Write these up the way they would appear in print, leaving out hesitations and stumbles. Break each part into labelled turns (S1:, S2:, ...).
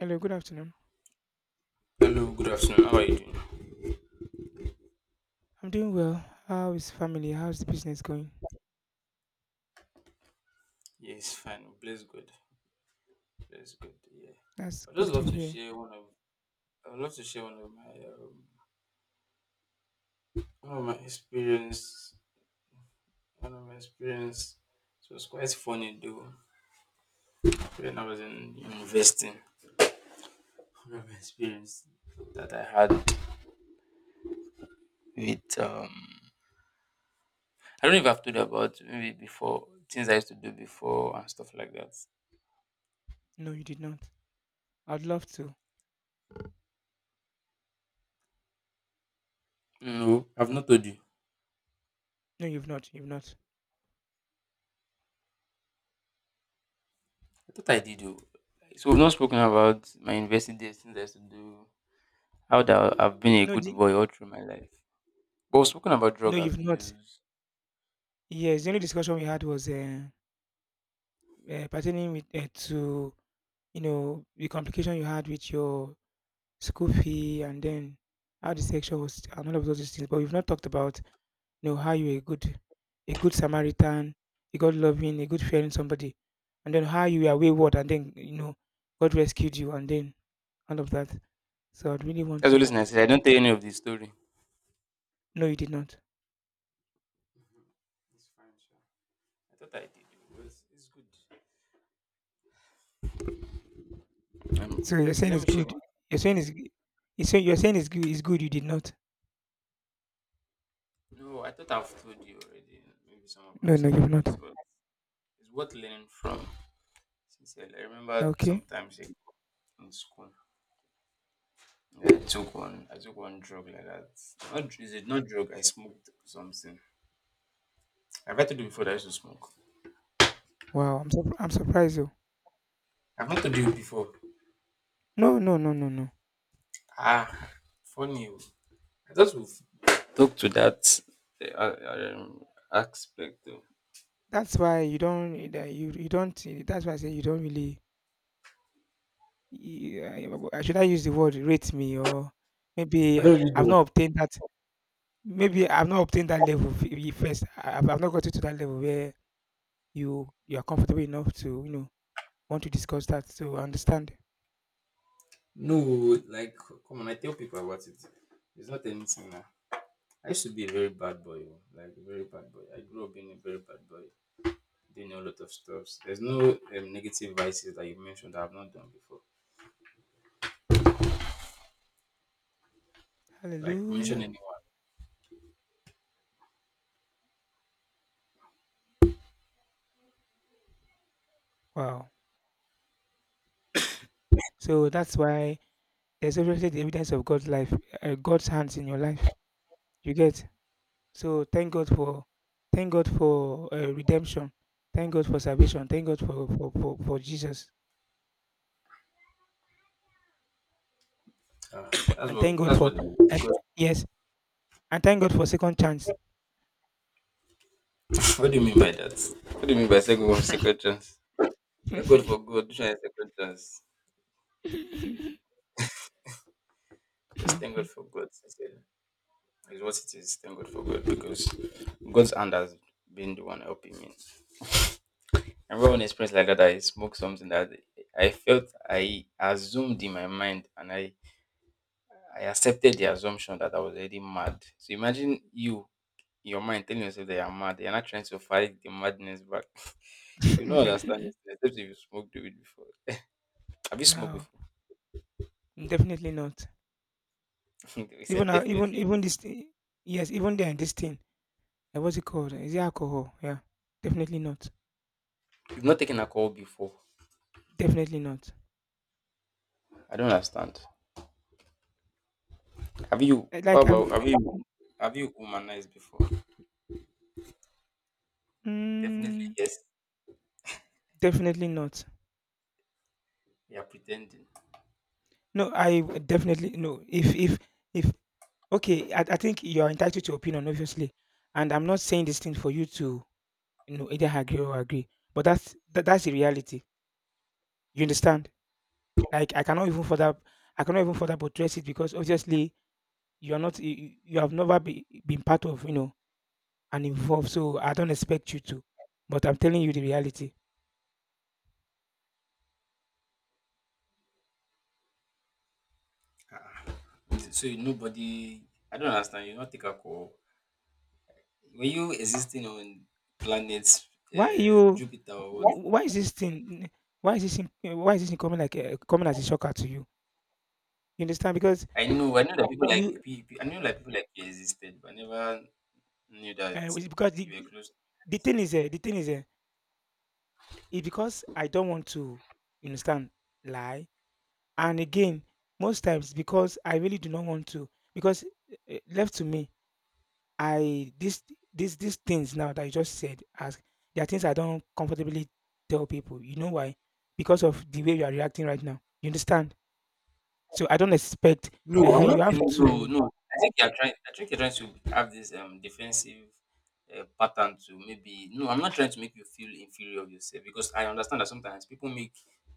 S1: Hello, good afternoon.
S2: Hello, good afternoon. How are you doing?
S1: I'm doing well. How is family? How's the business going?
S2: Yes, fine. Bless God. Bless God. Yeah.
S1: That's
S2: I
S1: good
S2: just
S1: to
S2: love to
S1: hear.
S2: share one of I would love to share one of my experience one of my experience. It was quite funny though when I was in investing. One of my experience that I had with. I don't know if I've told you about maybe before things I used to do before and stuff like that.
S1: No, you did not. I'd love to.
S2: No, I've not told you.
S1: No, you've not. You've not.
S2: I thought I did though. So we've not spoken about my investing days, things I used to do. How that I've been a
S1: No,
S2: good
S1: the,
S2: boy all through my life. But we're speaking about
S1: no,
S2: drug
S1: you've not.
S2: abuse,
S1: Yes, the only discussion we had was pertaining to you know the complication you had with your school fee, and then how the sexual was and all of those things. But we've not talked about know how you're a good Samaritan, a God loving, a good fearing somebody, and then how you were wayward, and then you know God rescued you and then all of that. So I'd really want
S2: that's
S1: to
S2: always nice. I don't tell any of the story.
S1: no you did not.
S2: It's fine, sure. I thought I did. It's good.
S1: So you're
S2: Okay,
S1: saying
S2: let
S1: it's
S2: me share.
S1: good.
S2: One.
S1: You're saying it's you're saying it's good you did not.
S2: No, I thought I've told you already. Maybe some of my
S1: No, no, you've
S2: stories.
S1: not.
S2: But it's worth learning from. Sincerely, I remember
S1: Okay.
S2: sometimes in school, I took one drug like that. Not dr- Is it not drug? I smoked something. I've had to do before. That I used to smoke.
S1: Wow, I'm surprised though.
S2: I've not told you before.
S1: No, no, no, no, no.
S2: Ah, funny. Oh. I thought we've talked to that uh, um, aspect though.
S1: That's why you don't that you you don't that's why I say you don't really you should I use the word rate me or
S2: I
S1: maybe
S2: don't really know.
S1: I've not obtained that Maybe I've not obtained that level first. I've not gotten to that level where you are comfortable enough to you know want to discuss that to understand.
S2: No, like come on, I tell people about it. It's not anything now. I used to be a very bad boy, oh, like a very bad boy. I grew up being a very bad boy, doing a lot of stuff. There's no negative vices that you mentioned that I've not done before. Like mention
S1: Hallelujah.
S2: anyone.
S1: Wow. So that's why there's obviously the evidence of God's life, God's hands in your life. You get. So thank God for redemption. Thank God for salvation. Thank God for for Jesus.
S2: Ah, that's
S1: And
S2: what.
S1: thank God
S2: That's what.
S1: for and yes. And thank God for second chance.
S2: What do you mean by that? What do you mean by second chance? Thank God for God. Try second chance. Just thank God for God, sincerely. Is what it is. Thank God for God because God's hand has been the one helping me. I remember an experience like that. I smoked something that I felt I assumed in my mind, and I accepted the assumption that I was already mad. So imagine you in your mind telling yourself that you're mad. You're not trying to fight the madness back. You don't understand this except if you smoked weed before. Have you smoked
S1: No,
S2: before?
S1: definitely not.
S2: He
S1: Even
S2: said
S1: uh, even
S2: definitely.
S1: even this thing, yes, even then this thing. What's it called? Is it alcohol? Yeah, definitely not.
S2: You've not taken alcohol before.
S1: Definitely not.
S2: I don't understand. Have you how
S1: Like
S2: about
S1: I'm,
S2: have you have you womanized before? Definitely,
S1: mm,
S2: yes.
S1: definitely not.
S2: You are pretending.
S1: No, definitely no. If okay, I think you are entitled to opinion, obviously, and I'm not saying this thing for you to you know either agree or agree, but that's the reality. You understand? Like I cannot even further, I cannot even further buttress it because obviously you are not you, you have never be, been part of you know and involved, so I don't expect you to, but I'm telling you the reality.
S2: Ah. Nobody, I don't understand. You not take alcohol. Were you existing on planets,
S1: why you
S2: Jupiter or what?
S1: why is this thing why is this thing- why is this thing coming like coming as a shocker to you? You understand because
S2: I know that people like
S1: you
S2: people. I knew like people like you existed, but I never knew that
S1: it's because
S2: you were close.
S1: the thing is it's because I don't want to you understand lie and again most times because I really do not want to because left to me I this this these things now that you just said as there are things I don't comfortably tell people. You know why? Because of the way you are reacting right now. You understand? So I don't expect
S2: No, I'm not
S1: you have
S2: feeling, no,
S1: to
S2: no. I think you're trying to have this defensive pattern to maybe no, I'm not trying to make you feel inferior of yourself because I understand that sometimes people make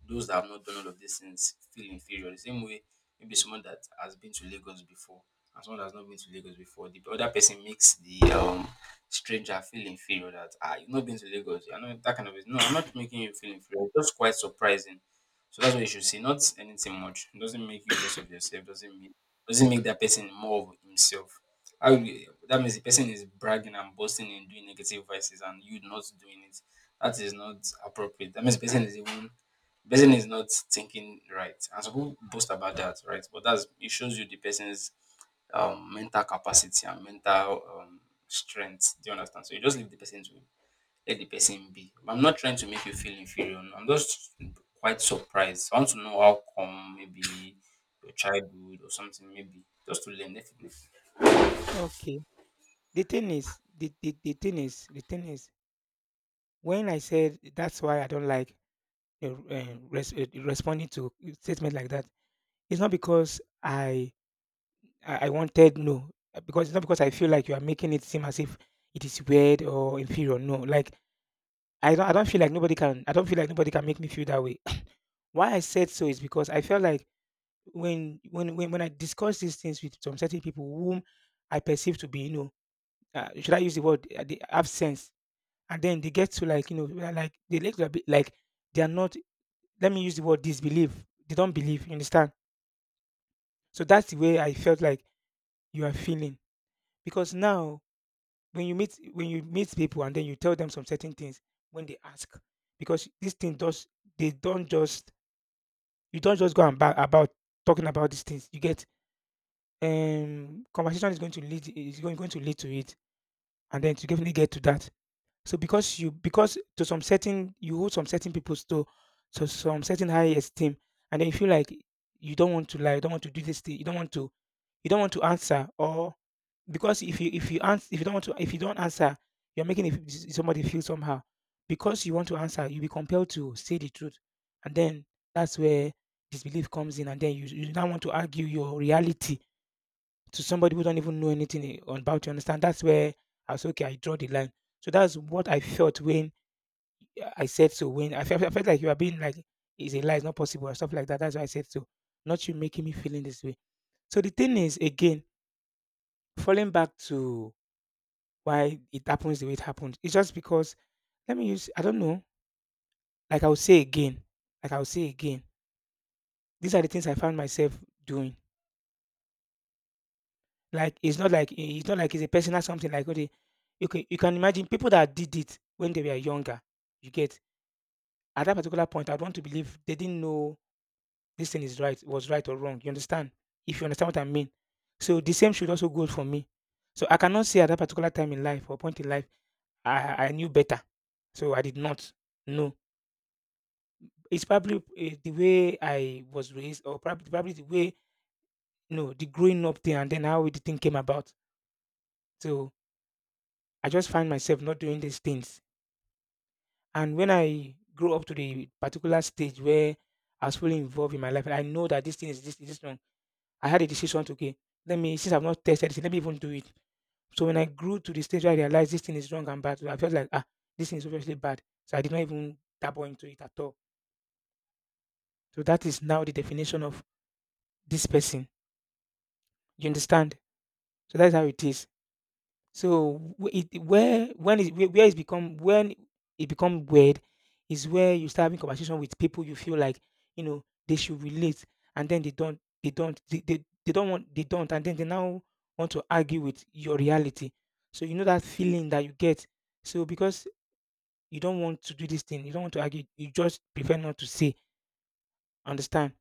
S2: those that have not done all of these things feel inferior. The same way maybe someone that has been to Lagos before and someone that has not been to Lagos before, the other person makes the stranger feel inferior that you've not been to Lagos, you're not that kind of no, I'm not making you feel inferior, it's just quite surprising. So that's what you should say, not anything much. It doesn't make you less of yourself. Doesn't make that person more of himself. That means the person is bragging and boasting and doing negative vices, and you not doing it. That is not appropriate. That means the person is not thinking right. And some people boast about that, right? But that's it shows you the person's mental capacity and mental strength. Do you understand? So you just leave the person to let the person be. I'm not trying to make you feel inferior. No. I'm just quite surprised. I want to know how come maybe your childhood or something, maybe just to learn. Definitely,
S1: okay. The thing is when I said that's why I don't like responding to statement like that. It's not because I I wanted no because it's not because I feel like you are making it seem as if it is weird or inferior. No, like I don't feel like nobody can I don't feel like nobody can make me feel that way. Why I said so is because I felt like when I discuss these things with some certain people whom I perceive to be, you know, should I use the word they have sense, and then they get to like you know like they like to be- like they are not. Let me use the word disbelief. They don't believe. You understand? So that's the way I felt like you are feeling because now when you meet people and then you tell them some certain things when they ask because this thing does they don't just You don't just go and ba- about talking about these things. You get conversation is going to lead to it, and then to definitely get to that. So because you because to some certain you hold some certain people to some certain high esteem, and then you feel like you don't want to lie, you don't want to do this thing, you don't want to answer or because if you answer if you don't answer you're making it, somebody feel somehow because you want to answer you'll be compelled to say the truth, and then that's where disbelief comes in, and then you now want to argue your reality to somebody who don't even know anything about you understand that's where I was okay I draw the line. So that's what I felt when I said so when I felt like you are being like is a lie it's not possible or stuff like that, that's why I said so, not you making me feeling this way. So the thing is again falling back to why it happens the way it happened. It's just because let me use I don't know. Like I'll say again. Like I'll say again. These are the things I found myself doing. Like it's not like it's not like it's a personal something like okay, you can imagine people that did it when they were younger. You get at that particular point I'd want to believe they didn't know this thing is right, was right or wrong. You understand? If you understand what I mean. So the same should also go for me. So I cannot say at that particular time in life or point in life I knew better. So I did not know. It's probably the way I was raised, or probably the way you know the growing up thing, and then how the thing came about. So I just find myself not doing these things. And when I grow up to the particular stage where I was fully involved in my life, and I know that this thing is this wrong, I had a decision to okay, let me since I've not tested it, let me even do it. So when I grew to the stage where I realized this thing is wrong and bad, I felt like ah, this thing is obviously bad. So I did not even dabble into it at all. So that is now the definition of this person. You understand? So that's how it is. So wh- it where when it where it's become when it become weird is where you start having conversation with people you feel like you know they should relate, and then they don't want they don't and then they now want to argue with your reality. So you know that feeling that you get. So because you don't want to do this thing, you don't want to argue, you just prefer not to say, understand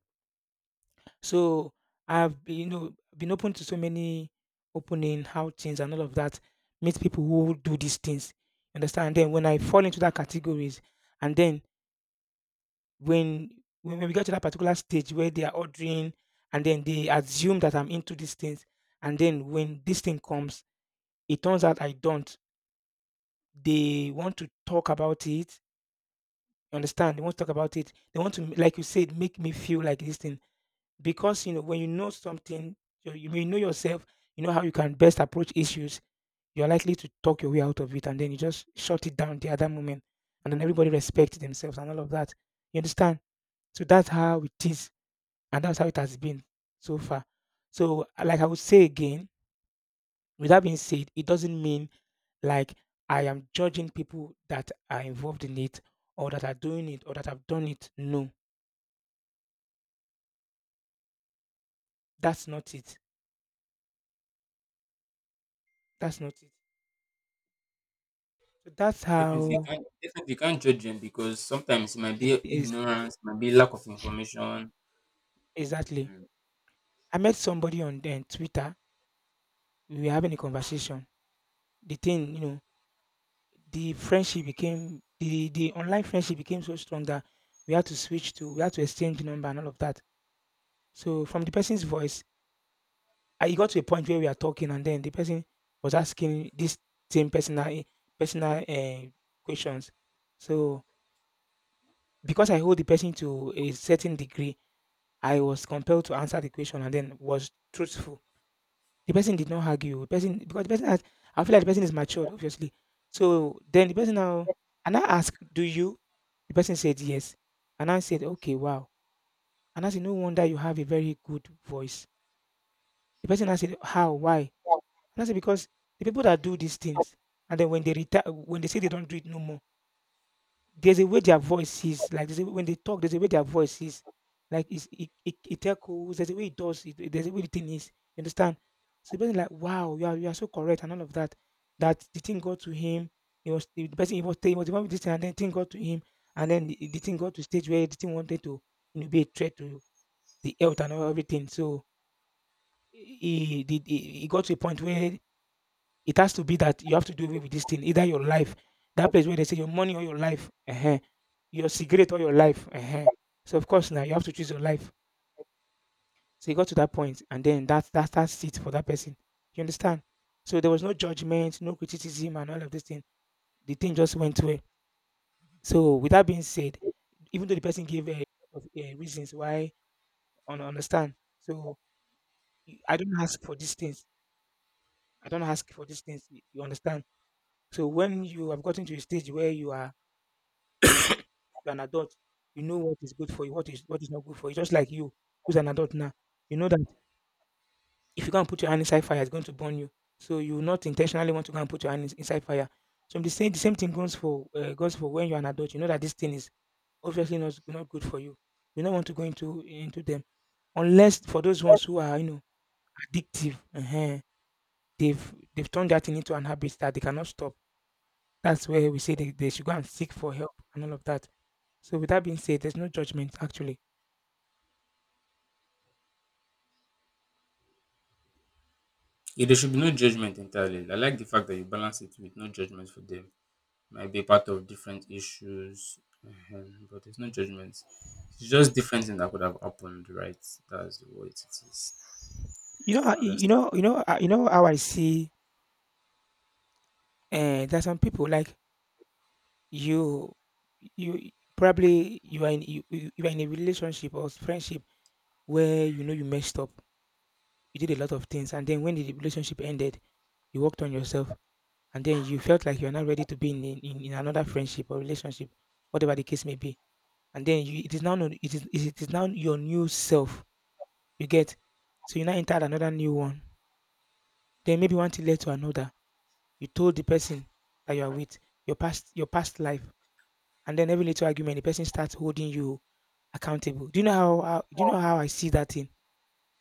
S1: so I've been, you know, been open to so many opening outings and all of that. Meet people who do these things. You understand? And then when I fall into that categories, and then when when we get to that particular stage where they are ordering, and then they assume that I'm into these things, and then when this thing comes, it turns out I don't. They want to talk about it. You understand? They want to talk about it. They want to, like you said, make me feel like this thing because you know when you know something you may know yourself you know how you can best approach issues you're likely to talk your way out of it, and then you just shut it down the other moment, and then everybody respects themselves and all of that. You understand? So that's how it is, and that's how it has been so far. So like I would say again, with that being said it doesn't mean like I am judging people that are involved in it or that are doing it or that have done it. No, that's not it. That's not it. So that's how
S2: definitely you can't judge them because sometimes it might
S1: it
S2: be
S1: is.
S2: ignorance, it might be lack of information.
S1: Exactly.
S2: Mhm.
S1: I met somebody on then Twitter. We were having a conversation. The thing, you know, the the online friendship became so strong that we had to switch to we had to exchange number and all of that. So from the person's voice, I it got to a point where we are talking, and then the person was asking this same personal questions. So because I hold the person to a certain degree, I was compelled to answer the question and then was truthful. The person did not argue. The person because the person has I feel like the person is matured, obviously. So then the person now and I asked, "Do you?" The person said yes. And I said, "Okay, wow." And I said, "No wonder you have a very good voice." The person I said, "How? Why?" And I said, because the people that do these things and then when they retire, when they say they don't do it no more, there's a way their voice is like, there's a, when they talk there's a way their voice is like it's, it echoes, there's a way it does, it there's a way the thing is, you understand. So the person, like, wow, you are so correct and all of that. That the thing got to him. It was the person, he was the one with this thing, and then thing got to him. And then the thing got to stage where the thing wanted to be a threat to the health and all everything. So he got to a point where it has to be that you have to do away with this thing, either your life, that place where they say your money or your life, your cigarette or your life. So of course now you have to choose your life. So you got to that point, and then that's it for that person. You understand? So there was no judgment, no criticism, and all of this thing. The thing just went away. So with that being said, even though the person gave a of reasons why, on understand. So I don't ask for these things. I don't ask for these things. You understand? So when you have gotten to a stage where you are. You're an adult. You know what is good for you, what is not good for you. Just like you, who's an adult now, you know that if you go and put your hand inside fire, it's going to burn you. So you will not intentionally want to go and put your hand inside fire. So the same thing goes for when you're an adult. You know that this thing is obviously not good for you. You don't want to go into them, unless for those ones who are, addictive. They've turned that thing into an habit that they cannot stop. That's where we say they should go and seek for help and all of that. So with that being said, there's no judgment actually.
S2: Yeah, there should be no judgment entirely. I like the fact that you balance it with no judgment for them. Might be part of different issues, but there's no judgment. It's just different things that could have happened, right? That's what it is.
S1: You know how,
S2: Understand.
S1: you know how I see, there's some people like, you you, probably you are in, you are in a relationship or friendship where, you know, you messed up. You did a lot of things, and then when the relationship ended, you worked on yourself and then you felt like you're not ready to be in another friendship or relationship, whatever the case may be. And then you, it is now no- it is now your new self. You get. So you now enter another new one. Then maybe one thing led to another, you told the person that you are with your past life, and then every little argument, the person starts holding you accountable. Do you know how do you know how I see that thing?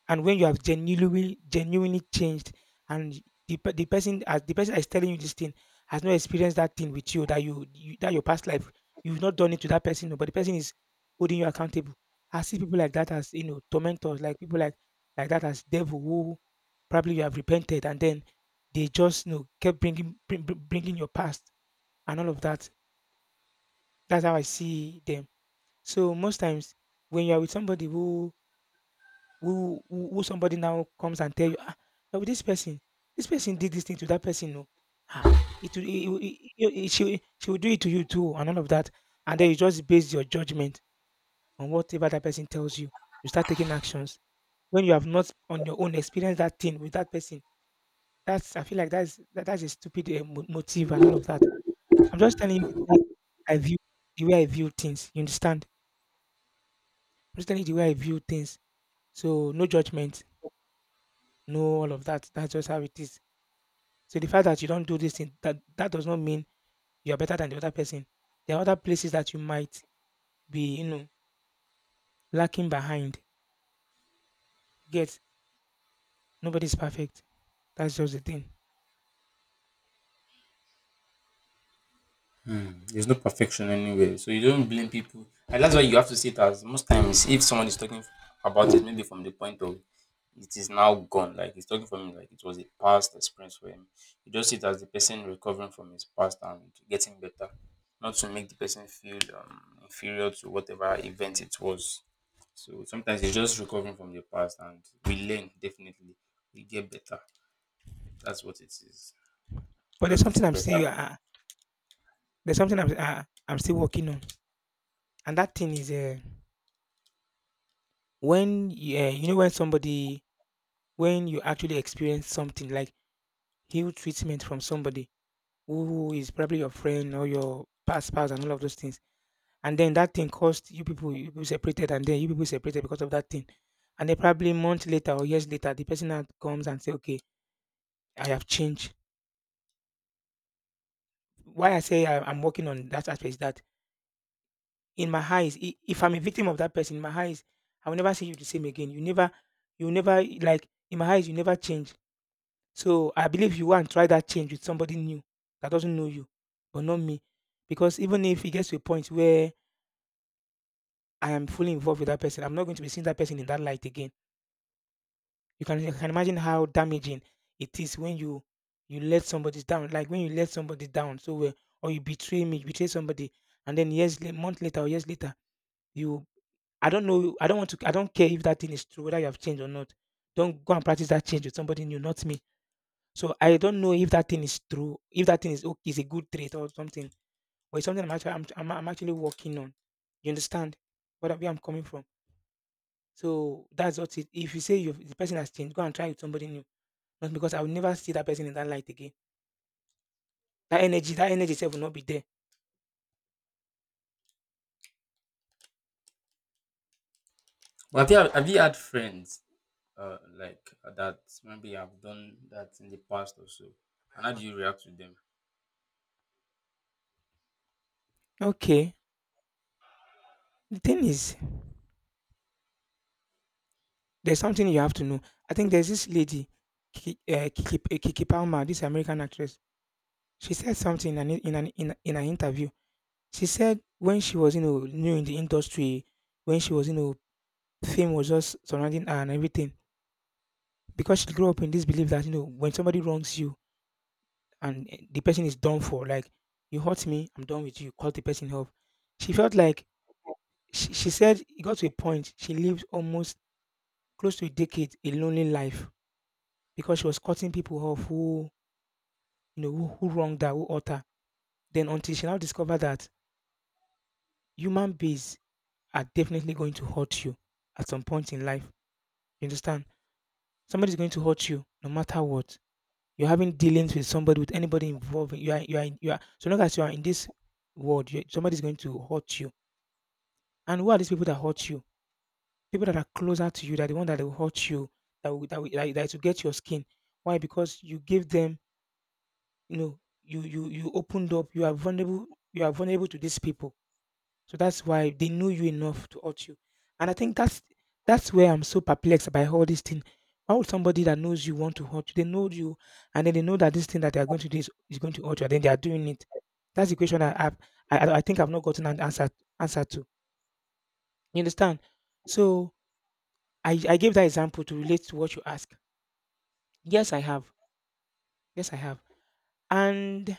S1: And when you have genuinely changed, and the person, as the person that is telling you this thing has not experienced that thing with you, that you that your past life you've not done it to that person, no, but the person is holding you accountable. I see people like that as, you know, tormentors, like people like that, as devil, who probably you have repented and then they just, you know, kept bringing your past and all of that. That's how I see them. So most times, when you are with somebody who, somebody now comes and tell you, ah, you're with this person, this person did this thing to that person, no, ah, she will do it to you too and all of that, and then you just base your judgment on whatever that person tells you. You start taking actions when you have not on your own experienced that thing with that person. That's, I feel like that's that's a stupid, eh, mo motive and all of that. I'm just telling you the way I view things, you understand? I'm just telling you the way I view things. So, no judgment, no all of that. That's just how it is. So, the fact that you don't do this thing, that does not mean you're better than the other person. There are other places that you might be, you know, lacking behind. You get? Nobody's perfect. That's just the thing.
S2: There's no perfection anywhere, so you don't blame people, and that's why you have to see it as most times if someone is talking about it, maybe from the point of it is now gone, like he's talking from like it was a past experience for him. You just see it as the person recovering from his past and getting better, not to make the person feel inferior to whatever event it was. So sometimes you're just recovering from the past, and we learn definitely, we get better. That's what it is.
S1: But
S2: Just getting better.
S1: there's something I'm still working on, and that thing is, when, yeah, when somebody, when you actually experience something like heal treatment from somebody who is probably your friend or your past spouse and all of those things, and then that thing caused you people, you people separated, and then you people separated because of that thing, and then probably months later or years later, the person now comes and say, "Okay, I have changed." Why I say I'm working on that aspect is that in my eyes, if I'm a victim of that person, in my eyes, I will never see you the same again. You never, like, in my eyes, you never change. So I believe you go and try that change with somebody new that doesn't know you, but not me. Because even if it gets to a point where I am fully involved with that person, I'm not going to be seeing that person in that light again. You can imagine how damaging it is when you let somebody down, like when you let somebody down so well, or you betray me, you betray somebody, and then years later, month later or years later, you I don't know, I don't want to, I don't care if that thing is true, whether you have changed or not. Don't go and practice that change with somebody new, not me. So I don't know if that thing is true, if that thing is okay, is a good trait or something, or it's something I'm actually working on. You understand where I'm coming from? So that's what it. If you say you the person has changed, go and try with somebody new. Not because I will never see that person in that light again. That energy itself will not be there.
S2: But have you had friends like that. Maybe I've done that in the past also. And how do you react to them?
S1: Okay. The thing is, there's something you have to know. I think there's this lady, Kiki Palmer, this American actress. She said something in an interview. She said when she was, you know, new in the industry, when she was, you know, fame was just surrounding her and everything, because she grew up in this belief that, you know, when somebody wrongs you, and the person is done for, like, you hurt me, I'm done with you, cut the person off. She felt like, she said it got to a point, she lived almost close to a decade a lonely life because she was cutting people off who, you know, who wronged her, who hurt her. Then until she now discovered that human beings are definitely going to hurt you at some point in life. You understand? Somebody's going to hurt you no matter what. You're having dealings with somebody, with anybody involving you are, so long as you are in this world, you, somebody's going to hurt you. And who are these people that hurt you? People that are closer to you, that are the one that will hurt you, that will, that will, that, that, to get your skin. Why? Because you give them, you know, you opened up, you are vulnerable to these people. So that's why they know you enough to hurt you. And I think that's where I'm so perplexed by all this thing. Why would somebody that knows you want to hurt you? They know you, and then they know that this thing that they are going to do is going to hurt you, and then they are doing it. That's the question I have. I think I've not gotten an answer to. You understand? So I gave that example to relate to what you ask. Yes, I have. Yes, I have. And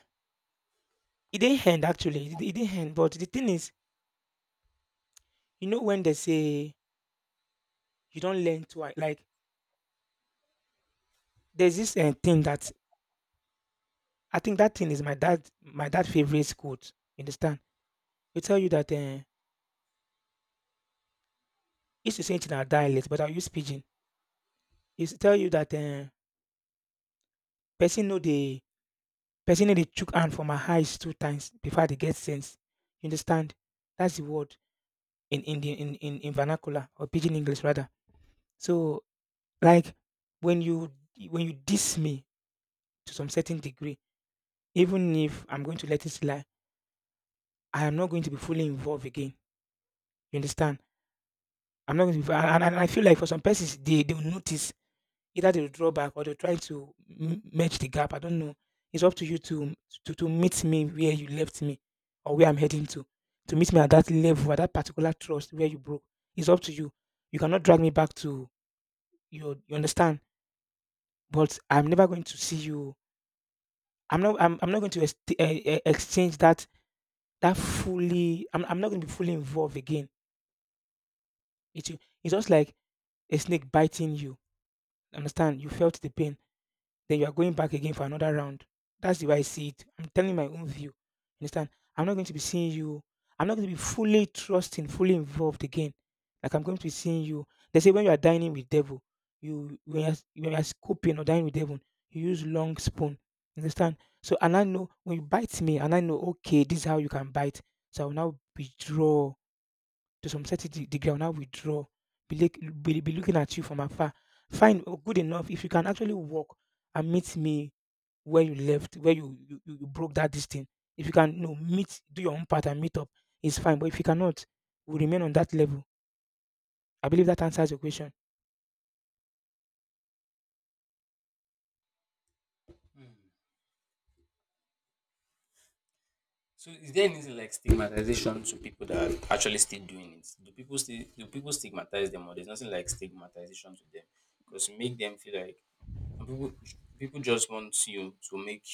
S1: it didn't end actually. It didn't end. But the thing is, you know, when they say you don't learn to like, there's this thing that I think that thing is my dad favorite quote. You understand? He tell you that used to say it in our dialect, but I use pidgin. He used to tell you that person know the person know the chook hand from my eyes 2 times before they get sense. You understand? That's the word in the in vernacular or pidgin English rather. So like when you when you diss me to some certain degree, even if I'm going to let it lie, I am not going to be fully involved again. You understand? I'm not going to be, and I feel like for some persons, they will notice. Either they'll draw back or they'll try to merge the gap. I don't know. It's up to you to, to meet me where you left me or where I'm heading to. To meet me at that level, at that particular trust where you broke. It's up to you. You cannot drag me back to your. You understand? But I'm never going to see you. I'm not. I'm not going to exchange that that fully. I'm not going to be fully involved again. It's just like a snake biting you. Understand? You felt the pain, then you are going back again for another round. That's the way I see it. I'm telling my own view. Understand? I'm not going to be seeing you. I'm not going to be fully trusting, fully involved again. Like I'm going to be seeing you. They say when you are dining with devil, you when you're scooping or dining with devil, you use long spoon. Understand? So and I know when you bite me, and I know okay, this is how you can bite. So I will now withdraw to some certainty, degree, I will now withdraw, be, like, be looking at you from afar. Fine, or good enough. If you can actually walk and meet me where you left, where you broke that distance, if you can, you know, meet, do your own part and meet up, it's fine. But if you cannot, we remain on that level. I believe that answers your question.
S2: So is there anything like stigmatization to people that are actually still doing it? Do people stigmatize them, or there's nothing like stigmatization to them? Because make them feel like some people just want you to make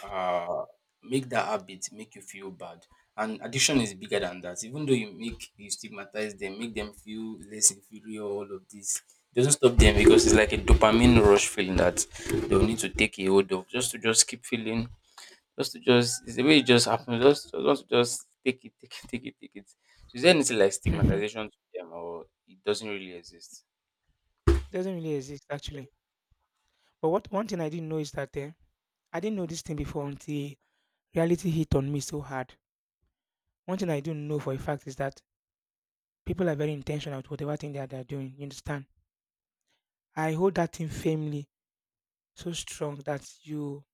S2: uh, that habit make you feel bad. And addiction is bigger than that. Even though you stigmatize them, make them feel less inferior, all of this, it doesn't stop them because it's like a dopamine rush feeling that they'll need to take a hold of, just to just keep feeling, just to just, it's the way it just happens, just to just take it, take it, take it, take it. So is there anything like
S1: It
S2: stigmatization to them, or it doesn't really exist?
S1: doesn't really exist, actually. But what one thing I didn't know is that I didn't know this thing before until reality hit on me so hard. One thing I do know for a fact is that people are very intentional with whatever thing that they're doing. You understand? I hold that thing firmly, so strong that you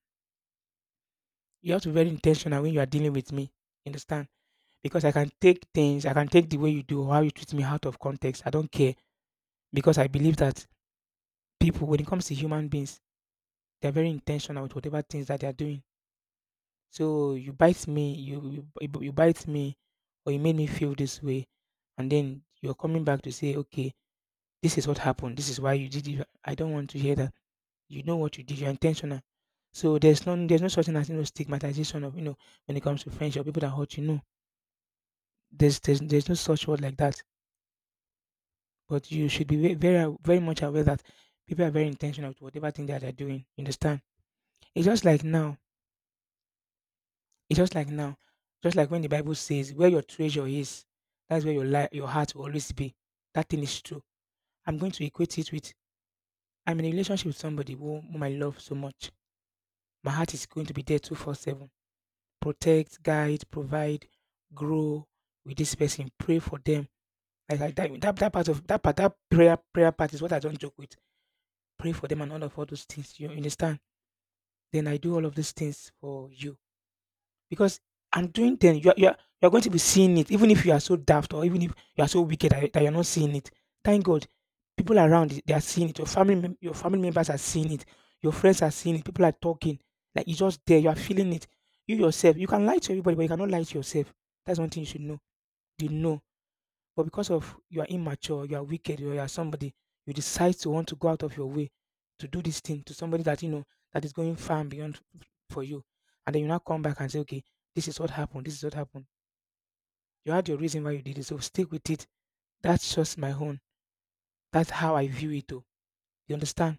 S1: you have to be very intentional when you are dealing with me. You understand? Because I can take things, I can take the way you do, how you treat me out of context. I don't care because I believe that people, when it comes to human beings, they're very intentional with whatever things that they are doing. So you bite me, you bite me, or you made me feel this way, and then you're coming back to say, okay, this is what happened. This is why you did it. I don't want to hear that. You know what you did. You're intentional. So there's no such thing as, you know, stigmatization of, you know, when it comes to friendship people that hurt you. No, there's no such word like that. But you should be very very much aware that people are very intentional to whatever thing that they're doing. You understand? It's just like now. It's just like now. Just like when the Bible says where your treasure is, that's where your heart will always be. That thing is true. I'm going to equate it with I'm in a relationship with somebody who, whom I love so much. My heart is going to be there 24/7, protect, guide, provide, grow with this person, pray for them. Like that, that that part of that part that prayer prayer part is what I don't joke with. Pray for them and all of all those things. You understand? Then I do all of these things for you. Because I'm doing them, you are going to be seeing it, even if you are so daft or even if you are so wicked that you're not seeing it. Thank God, people around it, they are seeing it. Your your family members are seeing it. Your friends are seeing it. People are talking. Like you're just there. You are feeling it. You yourself, you can lie to everybody, but you cannot lie to yourself. That's one thing you should know. You know. But because of you are immature, you are wicked, or you are somebody, you decide to want to go out of your way to do this thing to somebody that you know that is going far and beyond for you. And then you now come back and say, okay, this is what happened. This is what happened. You had your reason why you did it. So stick with it. That's just my own. That's how I view it. Though. You understand?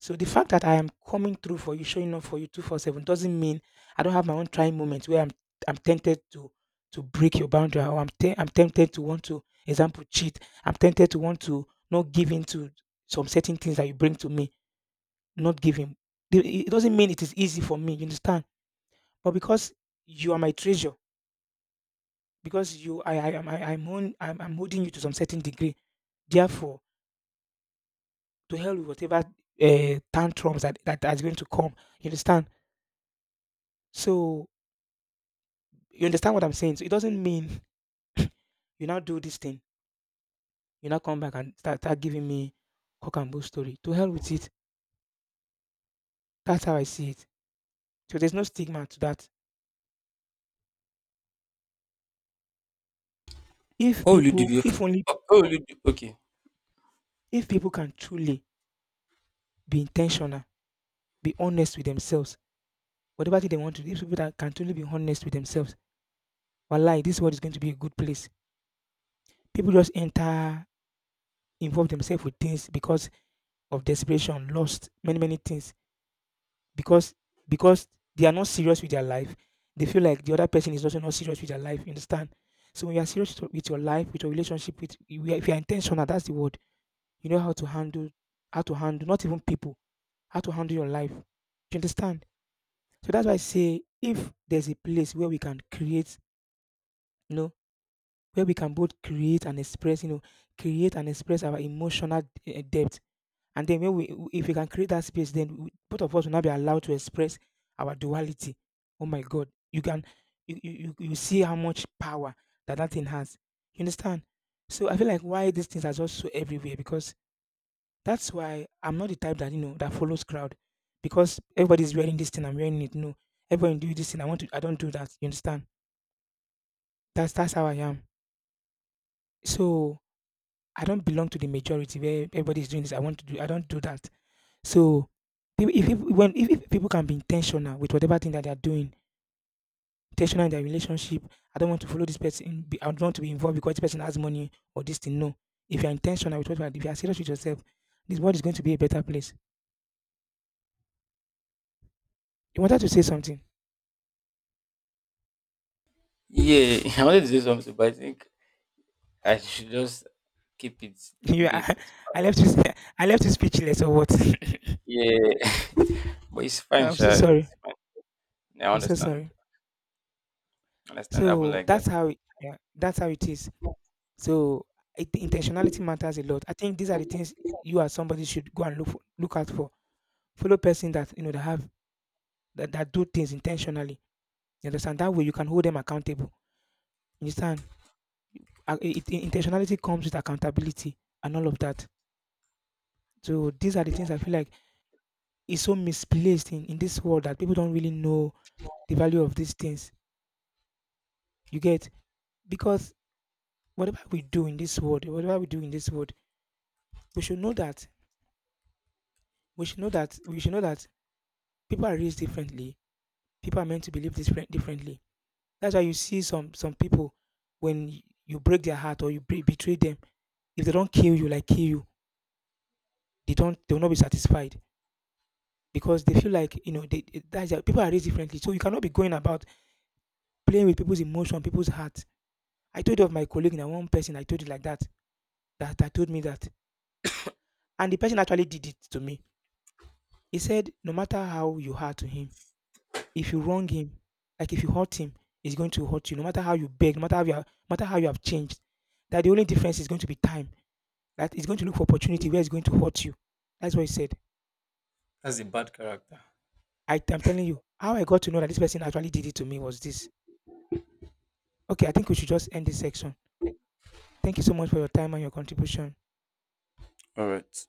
S1: So the fact that I am coming through for you, showing up for you 24/7 doesn't mean I don't have my own trying moments where I'm tempted to break your boundary or I'm I'm tempted to want to example cheat. I'm tempted to want to not give in to some certain things that you bring to me, not giving. It doesn't mean it is easy for me, you understand? But because you are my treasure, because you I am I, I'm, on, I'm I'm holding you to some certain degree. Therefore, to hell with whatever tantrums that, that's going to come, you understand? So you understand what I'm saying? So it doesn't mean you now do this thing, you now come back and start giving me cock and bull story. To hell with it. That's how I see it. So there's no stigma to that. If
S2: What will you do?
S1: people,
S2: If you-
S1: if only,
S2: What will you do? Okay.
S1: if people can truly be intentional, be honest with themselves, whatever thing they want to do, if people that can truly be honest with themselves, wallahi, this world is going to be a good place. People just enter, involve themselves with things because of desperation, lost, many, many things because because they are not serious with their life, they feel like the other person is also not serious with their life, you understand? So when you are serious with your life, with your relationship with if you are intentional, that's the word. You know how to handle, how to handle not even people, how to handle your life. Do you understand? So that's why I say if there's a place where we can create, you know, where we can both create and express, you know, create and express our emotional depth. And then when we, if we can create that space, then both of us will not be allowed to express our duality. Oh my God, you can, you see how much power that thing has. You understand? So I feel like why these things are just so everywhere because that's why I'm not the type that, you know, that follows crowd because everybody's wearing this thing, I'm wearing it. No, everyone do this thing. I want to, I don't do that. You understand? That's how I am. So I don't belong to the majority where everybody's doing this. I want to do. I don't do that. So, if people can be intentional with whatever thing that they are doing, intentional in their relationship, I don't want to follow this person. I don't want to be involved because this person has money or this thing. No, if you are intentional with what you are, if you are serious with yourself, this world is going to be a better place. You wanted to say something.
S2: Yeah, I wanted to say something, but I think I should just keep it
S1: You,
S2: maybe
S1: are-
S2: for
S1: I left you. I left you speechless or what?
S2: yeah. But it's fine,
S1: I'm so
S2: sure.
S1: sorry.
S2: It's fine. Yeah, I
S1: I'm so
S2: understand.
S1: sorry.
S2: I understand. Happened
S1: So
S2: like that.
S1: that's how. Yeah, that's how it is. So I, intentionality matters a lot. I think these are the things you as somebody should go and look for, look out for. Follow person that you know that have that, that do things intentionally. You understand? That way you can hold them accountable. You understand? Intentionality comes with accountability and all of that. So these are the things I feel like is so misplaced in this world that people don't really know the value of these things. You get? Because whatever we do in this world, whatever we do in this world, we should know that we should know that we should know that people are raised differently. People are meant to believe differently. That's why you see some people when you break their heart or you betray them, if they don't kill you, like kill you, they will not be satisfied because they feel like, you know, people are raised differently. So you cannot be going about playing with people's emotion, people's heart. I told you of my colleague, and one person I told you like that that I told me that, and the person actually did it to me. He said, no matter how you hurt to him, if you wrong him, like if you hurt him, he's going to hurt you. No matter how you beg, no matter how you are, no matter how you have changed, that the only difference is going to be time. That he's going to look for opportunity where he's going to hurt you. That's what he said.
S2: That's a bad character.
S1: I am telling you, how I got to know that this person actually did it to me was this. Okay, I think we should just end this section. Thank you so much for your time and your contribution.
S2: All right.